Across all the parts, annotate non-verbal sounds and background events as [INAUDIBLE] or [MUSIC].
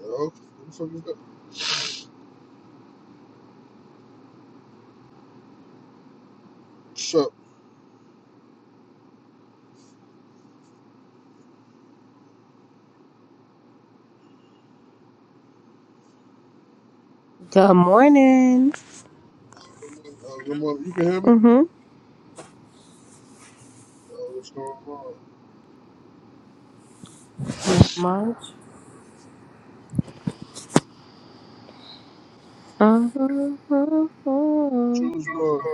Yo, who the fuck is that? What's up? Good morning. Uh, good morning. You can hear me? Mm-hmm. Uh, what's going on? Not much. What Mm-hmm. you was doing?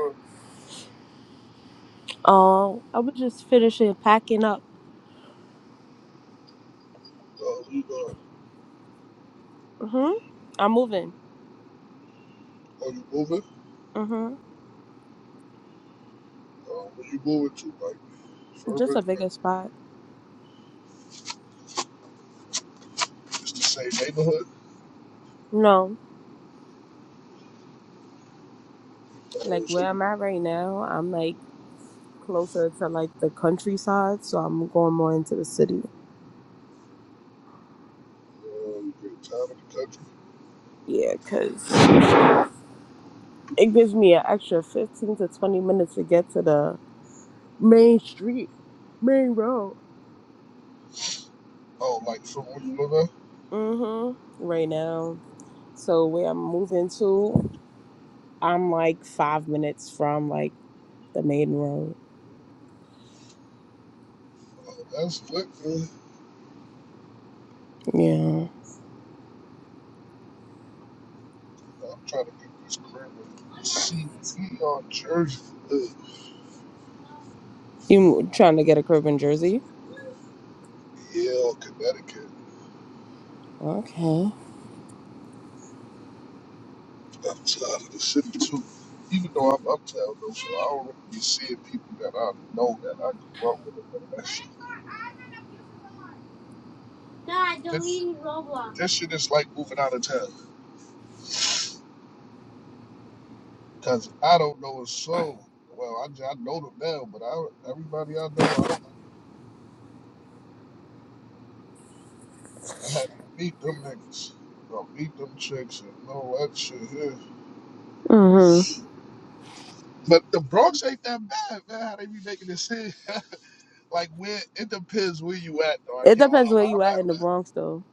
Oh, I was just finishing packing up. Uh, we, uh, Mm-hmm. I'm moving. are you moving? Mm-hmm. Uh, where you moving to? Like, Just Sherman? a Like, bigger spot. the same neighborhood? No, like Oh, so, where I'm at right now, I'm like closer to like the countryside, so I'm going more into the city. uh, you get tired of the country? Yeah, cause it gives me an extra 15 to 20 minutes to get to the main street, main road. Oh, like, from where you live at? Mm-hmm. Right now. So where I'm moving to, I'm like five minutes from like the main road. Oh, that's lit, man. Yeah. I'm trying to get this crib in CVR, Jersey. Uh, You mo- trying to get a crib in Jersey? Yale, Connecticut. Okay. I'm of the city too. Even though I'm uptown though, so I don't really be seeing people that I know that I grew up with. and all That shit. This this shit is like moving out of town, cause I don't know a soul. Well, I, j- I know them now, but I everybody I know, I, I had to meet them niggas, or meet them chicks, and all that shit here. Mhm. But the Bronx ain't that bad, man. How they be making this shit? [LAUGHS] like where it depends where you at though. I It can't lie. depends where Where you I'm at. at in the Bronx though.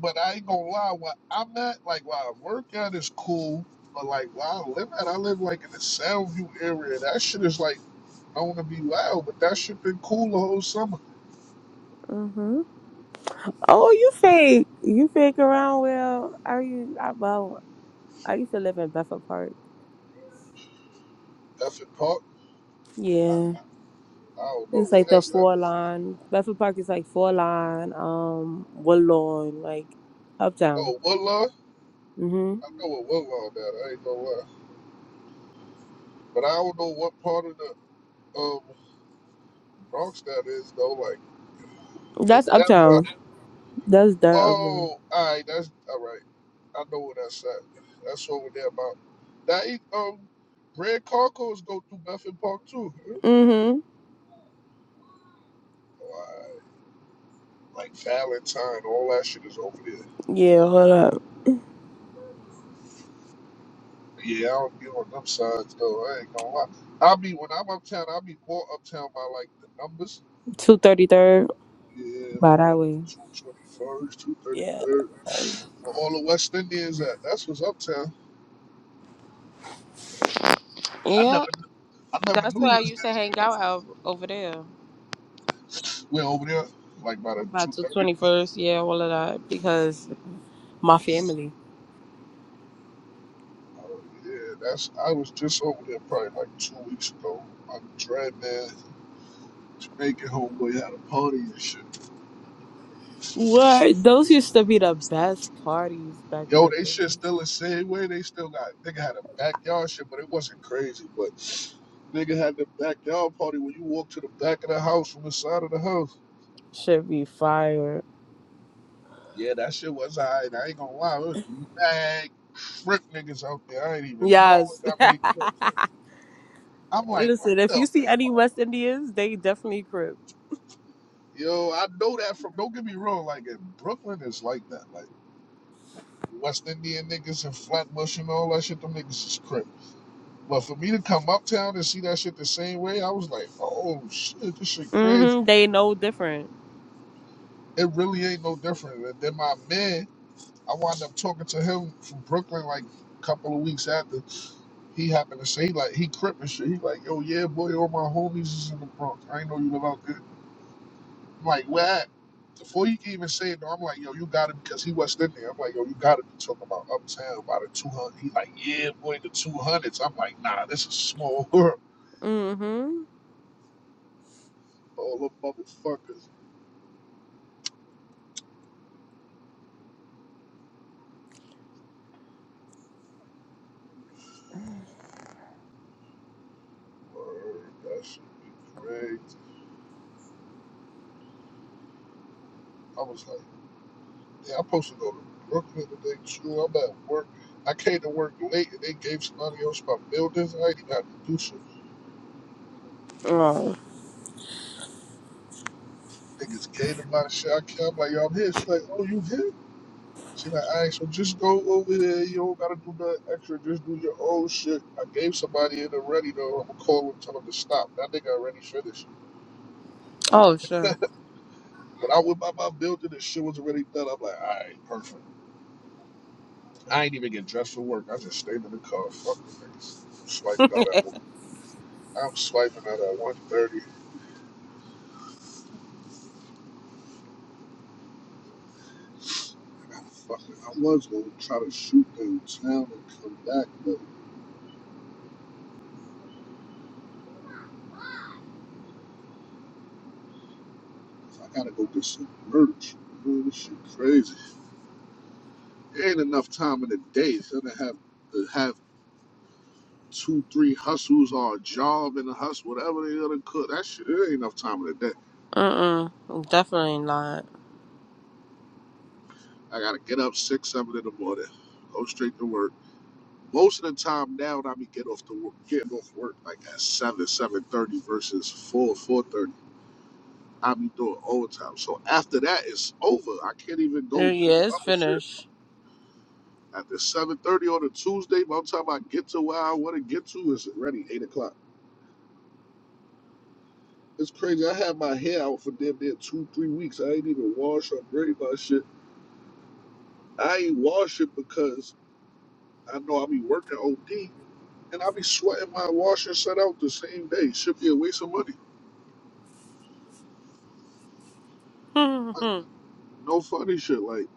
But I ain't gonna lie, where I'm at, like where I work at is cool, but like where I live at, I live like in the Soundview area. That shit is like I wanna be loud, but that shit been cool the whole summer. Mhm. Oh, you fake. You fake around well. Are you? I well, I used to live in Bedford Park. Effing Park. I, I Yeah. don't know It's what like the that's that. four line. Bedford Park is like four line, um, Woodlawn, like uptown. Oh, Woodlawn? Mhm. I know what Woodlawn that, I ain't gonna lie. But I don't know what part of the um Bronx that is though. Like That's is that by uptown. That's dirt Oh, all right, that's all right. I know what that's at. That's over there about. That ain't, um, red carco's go through Bedford Park too. Huh? uptown. Why, like Valentine, all that shit is over there. Yeah, hold up. Yeah, I don't be on them sides though. I ain't gonna lie. I'll be when I'm uptown. I'll be more uptown by like the numbers. Two thirty third Yeah, by all that way. up to two twenty first, two thirty Yeah. third. Where all the West Indians at? That's what's uptown. I Yeah, never, I never that's knew where it I was used to that hang out out over there way over there. Like by the about the 230. twenty first. Yeah, all of that because my family. Oh, yeah, that's. I was just over there probably like two weeks ago. My dreadman Jamaican homeboy had a party and shit. What? Those used to be the best parties back in Yo, the they shit day. still the same way. They still got nigga had a backyard shit, but it wasn't crazy. But nigga had the backyard party when you walk to the back of the house from the side of the house. Should be fire. Yeah, that shit was alright. I ain't gonna lie, it was mad crip niggas out there. I ain't even know it was Yes. [LAUGHS] that many crips. I'm like, what Listen, if the. you F-? see any West Indians, they definitely crip. Yo, I know that from. Don't get me wrong. Like in Brooklyn, it's like that. Like. West Indian niggas and Flatbush and all that shit, them niggas is crip. But for me to come uptown and see that shit the same way, I was like, oh shit, this shit crazy. hmm They know different. It really ain't no different. And then my man, I wound up talking to him from Brooklyn like a couple of weeks after. He happened to say like he crip and shit. He like, yo, yeah, boy, all my homies is in the Bronx. I ain't know you live out there. I'm like, what? before he could even say it, though, I'm like, yo, you got it because he wasn't in there. I'm like, yo, you got to be talking about uptown about the 200. He like, yeah, boy, the 200s. I'm like, nah, this is small [LAUGHS] world. hmm All them motherfuckers. Word, that shit be crazy. I was like, yeah, I'm supposed to go to Brooklyn today, too. I'm at work. I came to work late and they gave somebody else my buildings. I ain't even had to do shit. Oh. Niggas gave them my shit. I came, I'm like, yo, I'm here. She's like, oh, you here? She like, all right, so just go over there. You don't gotta do nothing extra. Just do your own shit. I gave somebody in already though. I'ma call him, tell him to stop. That nigga already finished. Oh sure. When I went by my building, the shit was already done. I'm like, all right, perfect. I ain't even get dressed for work. I just stayed in the car. Fuck the niggas. I'm Swiping out at one. I'm swiping out at 130. I gotta fucking. I was gonna try to shoot downtown and come back, but I gotta go get some merch. Man, this shit crazy. There ain't enough time in the day for them to have to have two, three hustles or a job and a hustle, whatever they gonna cook. That shit, there ain't enough time in the day. Mm mm. Definitely not. I gotta get up six, seven in the morning, go straight to work. Most of the time now, I be get off the work, getting off work like at seven, seven thirty versus four, four thirty. I be doing overtime. So after that, it's over. I can't even go do Yeah, it's other shit. finished. After seven thirty on a Tuesday, by the time I get to where I want to get to, it's already eight o'clock. It's crazy. I had my hair out for damn near two, three weeks. I ain't even wash or braid my shit. I ain't wash it because I know I be working OD and I be sweating my wash and set out the same day. Should be a waste of money. [LAUGHS] oh Like, no funny shit. Like,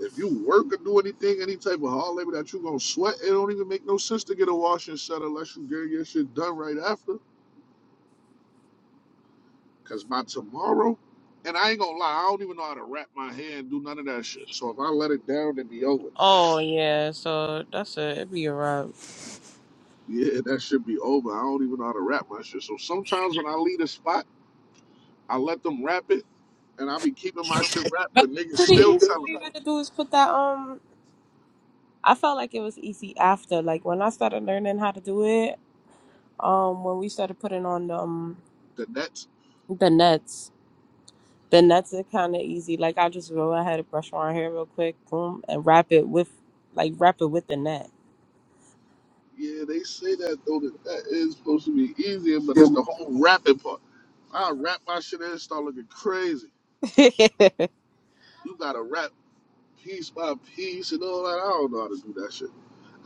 if you work or do anything, any type of hard labor that you gonna sweat, it don't even make no sense to get a wash and set unless you get your shit done right after. Cause by tomorrow, and I ain't gonna lie, I don't even know how to wrap my hair and do none of that shit. So if I let it down, it'd be over. yeah, so that's it. It'd be a wrap. Yeah, that should be over. I don't even know how to rap my shit. So sometimes when I leave a spot, I let them rap it, and I be keeping my shit rap, But but it's niggas pretty [LAUGHS] still easy. All telling you me gotta do is put that um I felt like it was easy after. Like when I started learning how to do it, um when we started putting on the um that that's the nets. The nets are kinda easy. Like I just go ahead and brush my hair real quick, boom, and wrap it with like wrap it with the net. yeah. They say that though that that is supposed to be easier, but it's the whole rapping part. I rap my shit and it start looking crazy. [LAUGHS] You gotta rap piece by piece and all that. I don't know how to do that shit.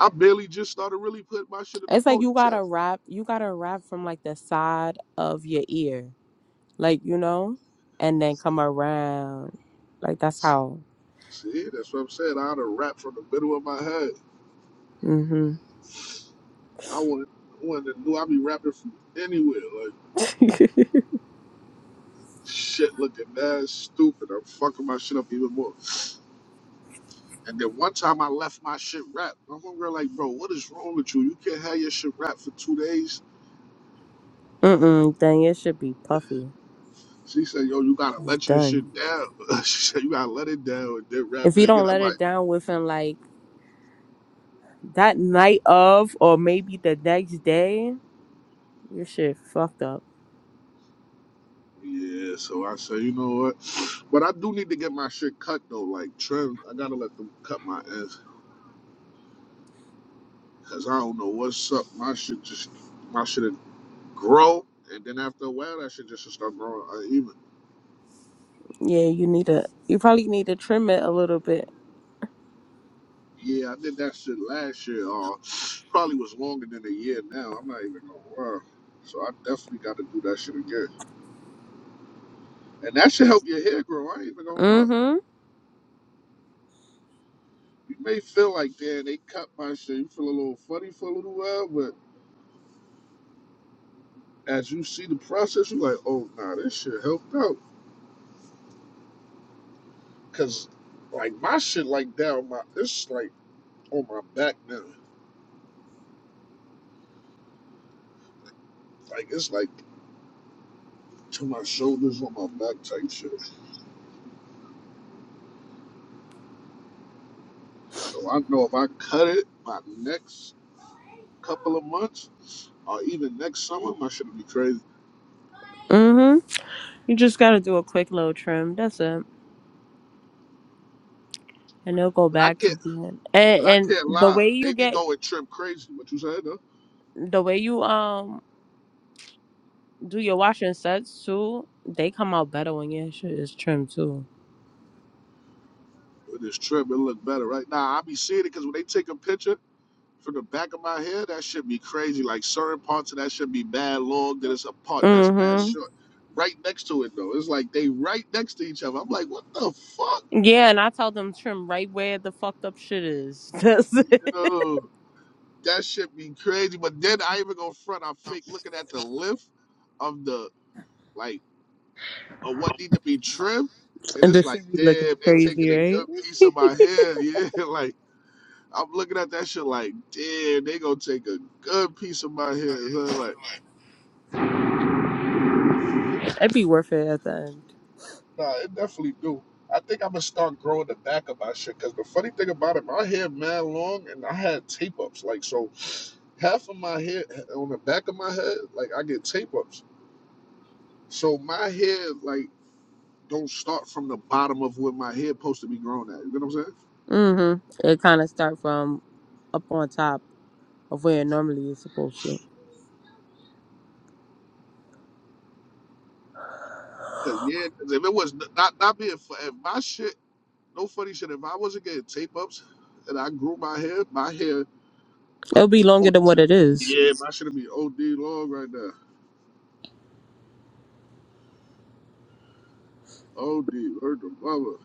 I barely just started really putting my shit in the it's like you ponytail. gotta wrap you gotta wrap from like the side of your ear. like you know, and then come around. Like that's how. See, that's what I'm saying. I had to rap from the middle of my head. Mm-hmm. I would wanted to do. i be rapping from anywhere. Like [LAUGHS] shit, looking mad stupid. I'm fucking my shit up even more. And then one time I left my shit rap. My one girl like, bro, what is wrong with you? You can't have your shit rap for two days. Mm-mm. Then it should be puffy. She said, yo, you gotta It's let your done. shit down. [LAUGHS] she said, you gotta let it down and then rap If it you again. don't I'm let like, it down within like that night of, or maybe the next day, your shit fucked up. yeah. So I said, you know what? But I do need to get my shit cut though. Like trim, I gotta let them cut my ass. Cause I don't know what's up. My shit just, my shit. grow, and then after a while, that shit just should start growing uh, even. Yeah, you need to. You probably need to trim it a little bit. Yeah, I did that shit last year. Uh, probably was longer than a year now. I'm not even gonna lie. So I definitely got to do that shit again, and that should help your hair grow. I ain't even gonna lie. Mm-hmm. You may feel like, damn, they cut my shit. You feel a little funny for a little while, but as you see the process, you're like, oh nah, this shit helped out. Cause like my shit, like down my, it's like on my back now. Like it's like to my shoulders, on my back type shit. So I know if I cut it my next couple of months or even next summer, my shit'll be crazy. Mm-hmm. You just gotta do a quick little trim. That's it, and it'll go But I back to can't being. but And I and can't the lie. way you They be get going trim crazy. What you said though? the way you um do your washing sets too, they come out better when your shit is trimmed too. With this trim, it look better right now. I be seeing it because when they take a picture from the back of my head, that should be crazy. Like certain parts of that should be bad long, then it's a part that's bad Mm-hmm. short. Right next to it though. It's like they right next to each other. I'm like, what the fuck? Yeah, and I tell them trim right where the fucked up shit is. [LAUGHS] That's You it. know? That shit be crazy. But then I even go front. I'm fake looking at the lift of the like of what need to be trimmed, and And the it's like, shit be looking damn, they taking crazy, a good right? piece of my hair. [LAUGHS] Yeah, like I'm looking at that shit like, damn, they gonna take a good piece of my hair. So, like, [LAUGHS] It'd be worth it at the end. nah, it definitely do. I think I'm gonna start growing the back of my shit. Cause the funny thing about it, my hair mad long, and I had tape ups. Like, so half of my hair on the back of my head, like I get tape ups. So my hair, like don't start from the bottom of where my hair supposed to be grown at. You know what I'm saying? Mm-hmm. It kind of start from up on top of where it normally is supposed to. Cause yeah, 'cause if it was n- not not being fu- if my shit, no funny shit. If I wasn't getting tape ups and I grew my hair, my hair It'll would be be longer OD. than what it is. yeah, my shit would be OD long right now. OD, heard the mother.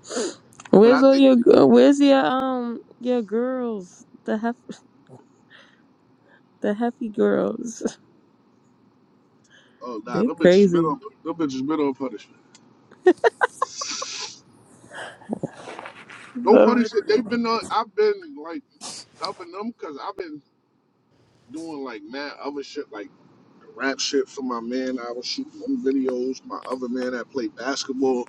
[SNIFFS] But Where's I all think your gir- Where's your um your girls? The hef the hefty girls. [LAUGHS] oh nah, They them bitches been crazy. on them bitches been on punishment. No Love funny shit. They've been on. I've been like up them because I've been doing like mad other shit like rap shit for my man. I was shooting them videos. My other man that played basketball.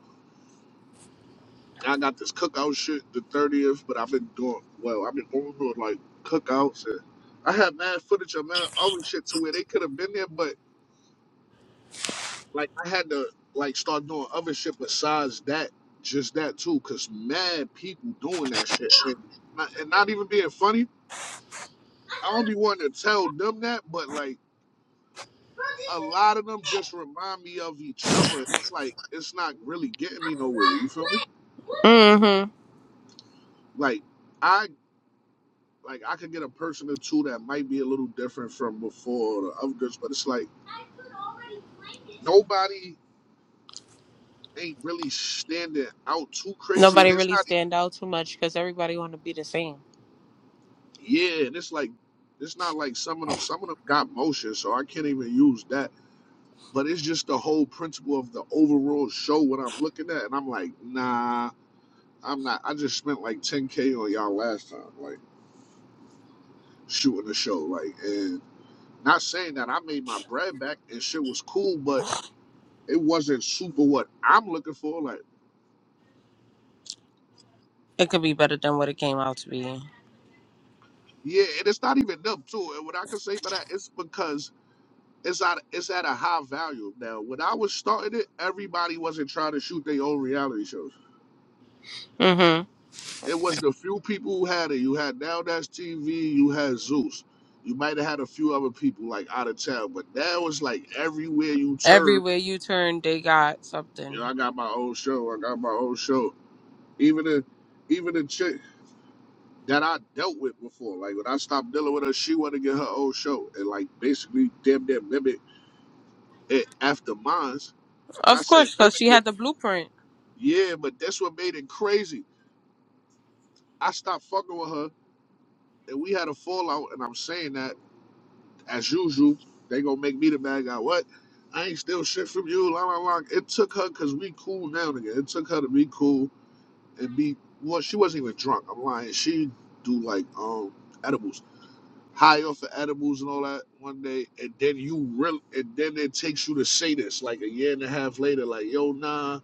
I got this cookout shit the 30th, but I've been doing well. I've been going through like cookouts and I had mad footage of mad other shit to where they could have been there, but like I had to like start doing other shit besides that, just that too, cause mad people doing that shit and not, and not even being funny. I don't be wanting to tell them that, but like a lot of them just remind me of each other. and It's like it's not really getting me nowhere. You feel me? it. Like I like I could get a person or two that might be a little different from before the other girls, but it's like nobody ain't really standing out too crazy. And Nobody it's really not stand out too much because everybody want to be the same. yeah, and it's like it's not like some of them some of them got motion, so I can't even use that. But it's just the whole principle of the overall show what I'm looking at, and I'm like, nah, I'm not. I just spent like 10k on y'all last time. Like. shooting the show. Like, and not saying that I made my bread back and shit was cool, but it wasn't super what I'm looking for. Like, It could be better than what it came out to be. yeah, and it's not even them too. And what I can say about that, it's because it's at it's at a high value now. When I was starting it, everybody wasn't trying to shoot their own reality shows. hmm It was the few people who had it. You had Now That's TV, you had Zeus. You might have had a few other people like out of town, but now it's like everywhere you turn, Everywhere you turn, they got you something. know, I got my own show, I got my own show Even the even the chick that I dealt with before, like when I stopped dealing with her, she wanted to get her own show and like basically damn near mimic it after mine. And I Of said, course, because mimic she it. had the blueprint. Yeah, but that's what made it crazy. I stopped fucking with her and we had a fallout and I'm saying that as usual, they gonna make me the bad guy. What? I ain't still shit from you, la la la. It took her cause we cool now again. It took her to be cool and be well, she wasn't even drunk. I'm lying. She do like um edibles high off of edibles and all that one day, and then you really, and then it takes you to say this like a year and a half later, like, yo, nah,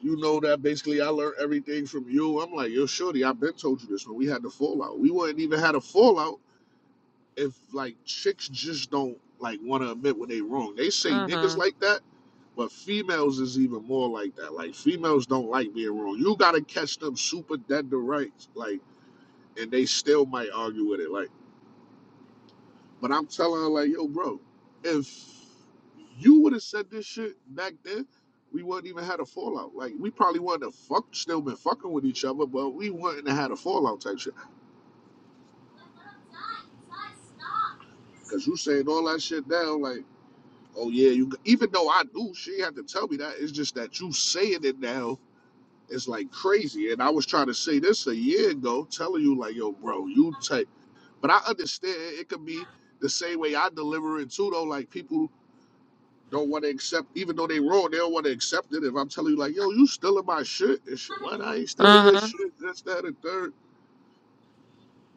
you know that basically I learned everything from you. I'm like, yo, shorty, I've been told you this when we had the fallout. We wouldn't even had a fallout if like chicks just don't like want to admit when they wrong. They say hmm niggas like that. But females is even more like that. Like females don't like being wrong. You gotta catch them super dead to rights. Like, and they still might argue with it. Like But I'm telling her like, yo, bro, if you would have said this shit back then, we wouldn't even had a fallout. Like we probably wouldn't have fuck still been fucking with each other, but we wouldn't have had a fallout type shit. Cause you saying all that shit now, like, oh yeah, you. g-" Even though I knew she ain't have to tell me that. It's just that you saying it now. is like crazy, and I was trying to say this a year ago, telling you like, yo, bro, you take. But I understand it could be the same way I deliver it too, though. Like people don't want to accept, even though they wrong, they don't want to accept it. If I'm telling you, like, yo, you stealing my shit, and shit, what? I ain't stealing your hmm shit, this, that, and third.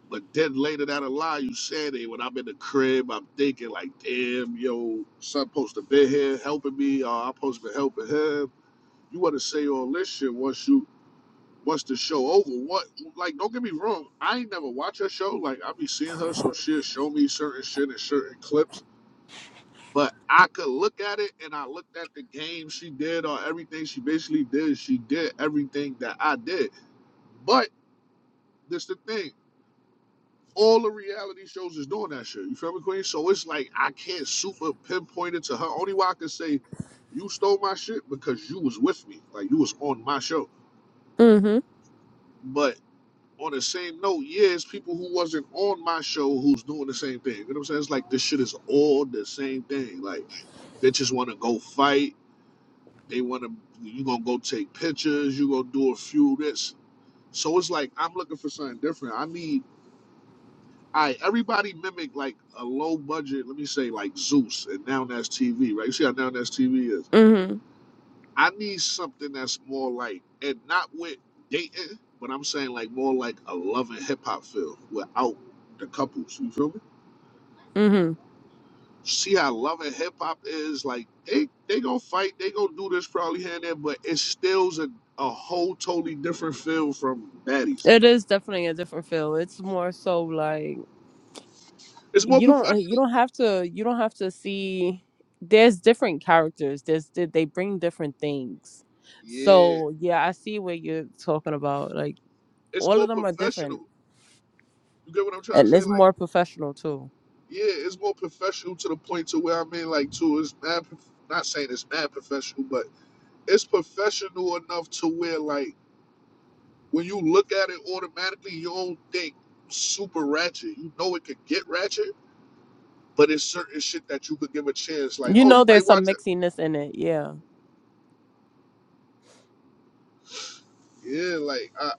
But then later down the line, you said it. When I'm in the crib, I'm thinking, like, damn, yo, son supposed to be here helping me, or I'm supposed to be helping him. You want to say all this shit once you, once the show over. What? Like, don't get me wrong, I ain't never watch her show. Like, I be seeing her, so she'll show me certain shit and certain clips But I could look at it and I looked at the game she did or everything she basically did. She did everything that I did. But that's the thing. All the reality shows is doing that shit. You feel me, Queen? So it's like I can't super pinpoint it to her. Only way I can say you stole my shit because you was with me. Like you was on my show. Mhm. But on the same note, yeah, it's people who wasn't on my show who's doing the same thing. You know what I'm saying? It's like this shit is all the same thing. Like bitches wanna go fight They want to, you going to go take pictures, you going to do a few this. So it's like, I'm looking for something different. I need, I, everybody mimic like a low budget, let me say like Zeus and Now That's TV, right? You see how Now That's TV is? Mhm. I need something that's more like, and not with dating, but I'm saying like more like a loving hip hop feel without the couples. You feel me? Mhm. see how loving hip hop is. Like they they gonna fight, they gonna do this probably here and there, but it still's a, a whole totally different feel from baddies. It is definitely a different feel. It's more so like It's more you don't like, you professional. don't have to you don't have to see there's different characters. There's they they bring different things. Yeah. So, yeah, I see what you're talking about. Like It's all of more them are different. professional. You get what I'm trying to And say? it's Like, more professional too. yeah, it's more professional to the point to where I mean like too, it's mad prof- not saying it's mad professional, but it's professional enough to where like when you look at it automatically, you don't think super ratchet. You know it could get ratchet but it's certain shit that you could give a chance. Like, You oh, you know there's might watch some it. mixiness in it, yeah. Yeah, like uh,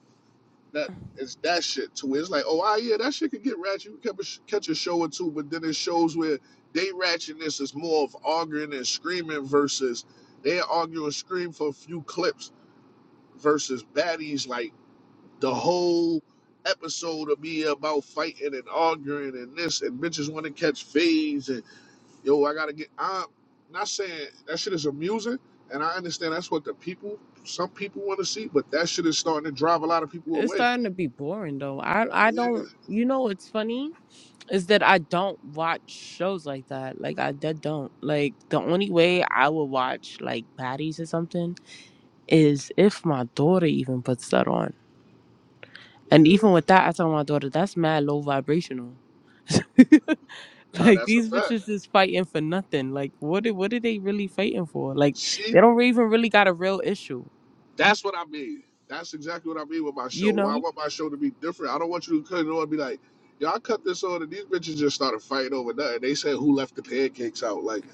that. It's that shit too. It's like, oh, ah, yeah, that shit could get ratchet. You can catch a show or two, but then it shows where they ratchetness is more of arguing and screaming versus they argue and scream for a few clips versus baddies. Like the whole episode will be about fighting and arguing and this and bitches want to catch fades and. yo, I gotta get. I'm not saying that shit is amusing, and I understand that's what the people, some people want to see, but that shit is starting to drive a lot of people It's away. starting to be boring though. I I Yeah, don't you know what's funny is that I don't watch shows like that. Like I d- don't. Like the only way I will watch like baddies or something is if my daughter even puts that on. And yeah, even with that, I tell my daughter that's mad low vibrational. [LAUGHS] nah, like that's a these fact. bitches is fighting for nothing. Like what? are- What are they really fighting for? Like See, they don't even really got a real issue, That's what I mean. That's exactly what I mean with my you show. Why I know. want my show to be different. I don't want you to cut it on and be like, y'all cut this on and these bitches just started fighting over nothing. They said who left the pancakes out, like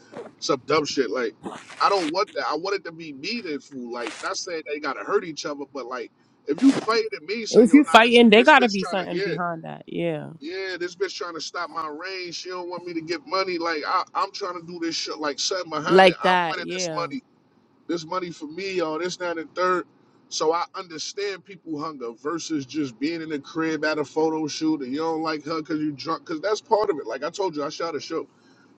some dumb shit. Like, I don't want that. I want it to be meaningful. Like, not saying they gotta hurt each other, but like if you fighting at me saying, If yo, you nah, this fighting, they this gotta bitch be trying to something yeah, behind that. Yeah. yeah, this bitch trying to stop my range. She don't want me to get money. Like I, I'm trying to do this shit like something behind it. Like I'm that, winning this yeah. money. This money for me, all this, that, and third. So I understand people hunger versus just being in the crib at a photo shoot and you don't like her because you drunk. Because that's part of it. Like I told you, I shot a show.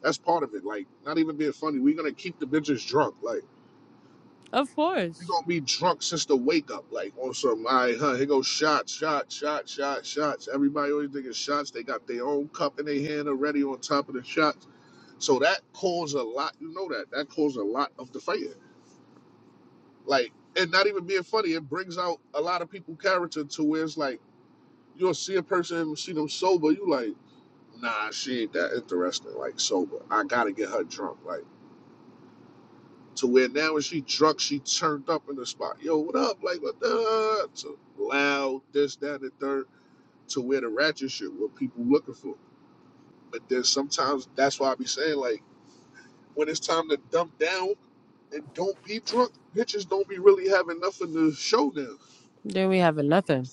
That's part of it. Like not even being funny. We're gonna keep the bitches drunk. Like Of you course. gonna be drunk since the wake up. Like on some. All right, huh? Here goes shots, shots, shots, shots, shots. Everybody always thinking shots. They got their own cup in their hand already on top of the shots. So that caused a lot. You know that. That caused a lot of the fight. Like, and not even being funny, it brings out a lot of people character to where it's like you'll see a person, see them sober, you like, nah, she ain't that interesting. Like sober, I gotta get her drunk. Like to where now when she drunk, she turned up in the spot. Yo, what up? Like what the? To loud, this, that, and the third. To where the ratchet shit, what people looking for. But then sometimes that's why I be saying like when it's time to dump down, and don't be drunk. Bitches don't be really having nothing to show them. Then we have a nothing.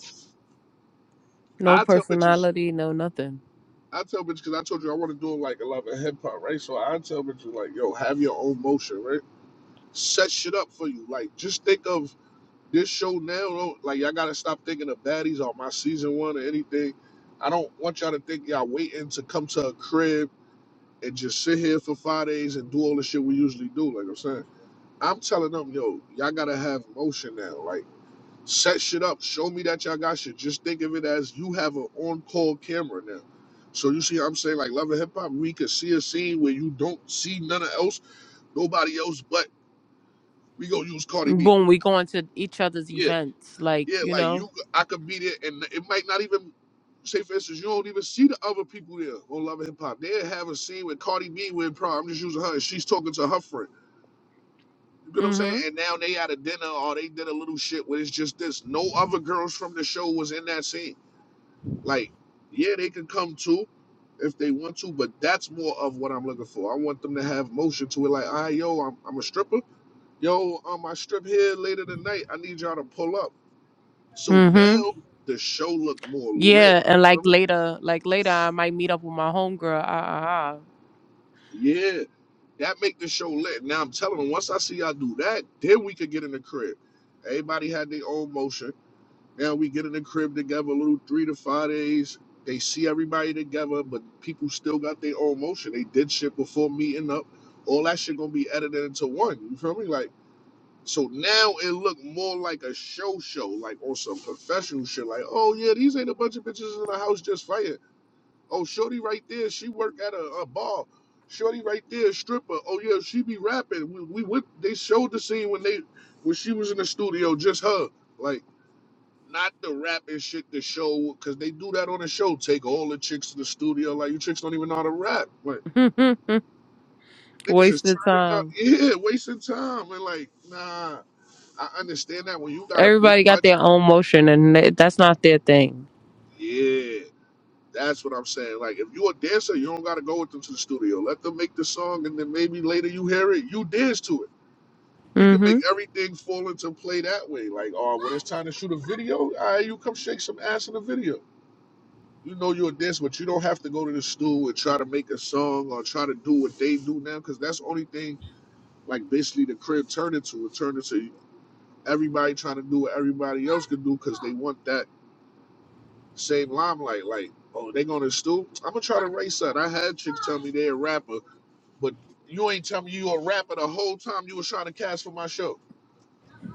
No I tell bitches personality, no nothing. I tell bitches because I told you I want to do like a lot of hip hop, right? So I tell bitches like, yo, have your own motion, right? Set shit up for you. Like, just think of this show now. Don't, like, y'all gotta stop thinking of baddies or my season one or anything. I don't want y'all to think y'all waiting to come to a crib and just sit here for five days and do all the shit we usually do. Like I'm saying, I'm telling them, yo, y'all gotta have motion now. Like set shit up. Show me that y'all got shit. Just think of it as you have an on-call camera now. So you see, what I'm saying like Love and Hip Hop, we could see a scene where you don't see none of else, nobody else, but we gonna use Cardi B. Boom, we going to each other's Yeah, events. Like, yeah, you like know? you, I could be there, and it might not even say, for instance, you don't even see the other people there on Love and Hip Hop. They have a scene with Cardi B with Pro. I'm just using her, and she's talking to her friend. You get what I'm saying? Mm-hmm. And now they at a dinner or they did a little shit where it's just this. No other girls from the show was in that scene. Like, yeah, they can come too if they want to, but that's more of what I'm looking for. I want them to have motion to it. Like, all right, yo, I'm, I'm a stripper. Yo, um, I strip here later tonight. I need y'all to pull up. So Mm-hmm. now the show look more lit. Yeah, and You like Feel me? later, like later I might meet up with my homegirl. Ah Yeah, that make the show lit. Now I'm telling them, once I see y'all do that, then we could get in the crib. Everybody had their own motion Now we get in the crib together, little three to five days. They see everybody together, but people still got their own motion. They did shit before meeting up. All that shit gonna be edited into one. You feel me? Like so now it look more like a show show, like on some professional shit. Like oh yeah, these ain't a bunch of bitches in the house just fighting. Oh shorty right there, she work at a, a bar. Shorty right there, stripper. Oh yeah, she be rapping. We we went, they showed the scene when they when she was in the studio, just her. Like. Not the rap and shit the show, cause they do that on the show. Take all the chicks to the studio, like you chicks don't even know how to rap. But ah ah. [LAUGHS] niggas is Wasted turning up, time. [LAUGHS] yeah, wasting time. And like, nah, I understand that when you got a big Everybody got their budget, own motion and th- that's not their thing. yeah, that's what I'm saying. Like, if you a dancer, you don't gotta go with them to the studio. Let them make the song, and then maybe later you hear it, you dance to it. We can Mm-hmm. make everything fall into play that way. Like, oh, when it's time to shoot a video, all right, you come shake some ass in the video. you know you're a dancer, but you don't have to go to the stool and try to make a song or try to do what they do now, because that's the only thing like basically the crib turned into. It turned into everybody trying to do what everybody else can do because they want that same limelight. Like, oh, they going to the stool? I'm gonna try to race that. I had chicks tell me they a rapper, but you ain't tell me you a rapper the whole time you was trying to cast for my show.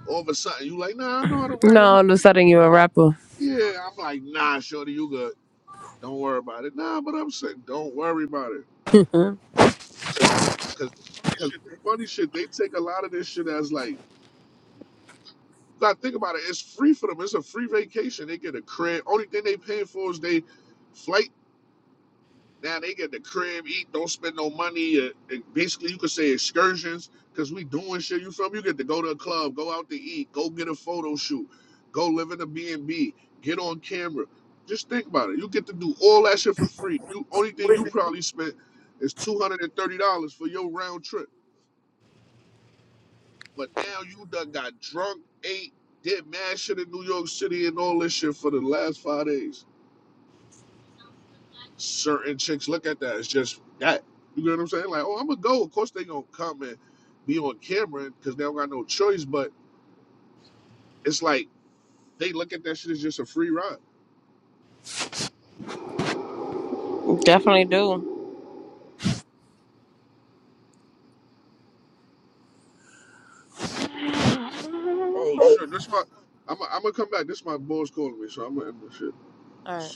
All of a sudden, you like, nah, I know how to No, write a all little. of a sudden you're a rapper. Yeah, I'm like, nah, shorty, you good. Don't worry about it. Nah, but I'm saying, don't worry about it [LAUGHS] Cause, cause funny shit, they take a lot of this shit as like. Now think about it. It's free for them. It's a free vacation. They get a crib. Only thing they paying for is they flight. Now they get the crib, eat, don't spend no money. Uh, and basically, you could say excursions because we doing shit. You feel me? You get to go to a club, go out to eat, go get a photo shoot, go live in a B and B, get on camera. Just think about it. You get to do all that shit for free. You only thing you probably spent is two hundred and thirty dollars for your round trip. But now you done got drunk, ate, did mad shit in New York City and all this shit for the last five days. Certain chicks look at that as just that. You know what I'm saying? Like, oh, I'm gonna go. Of course they gonna come and be on camera because they don't got no choice. But it's like they look at that shit as just a free ride. Definitely do. Oh shit, this my. I'm I'm gonna come back. This my boys calling me, so I'm gonna end this shit. All right.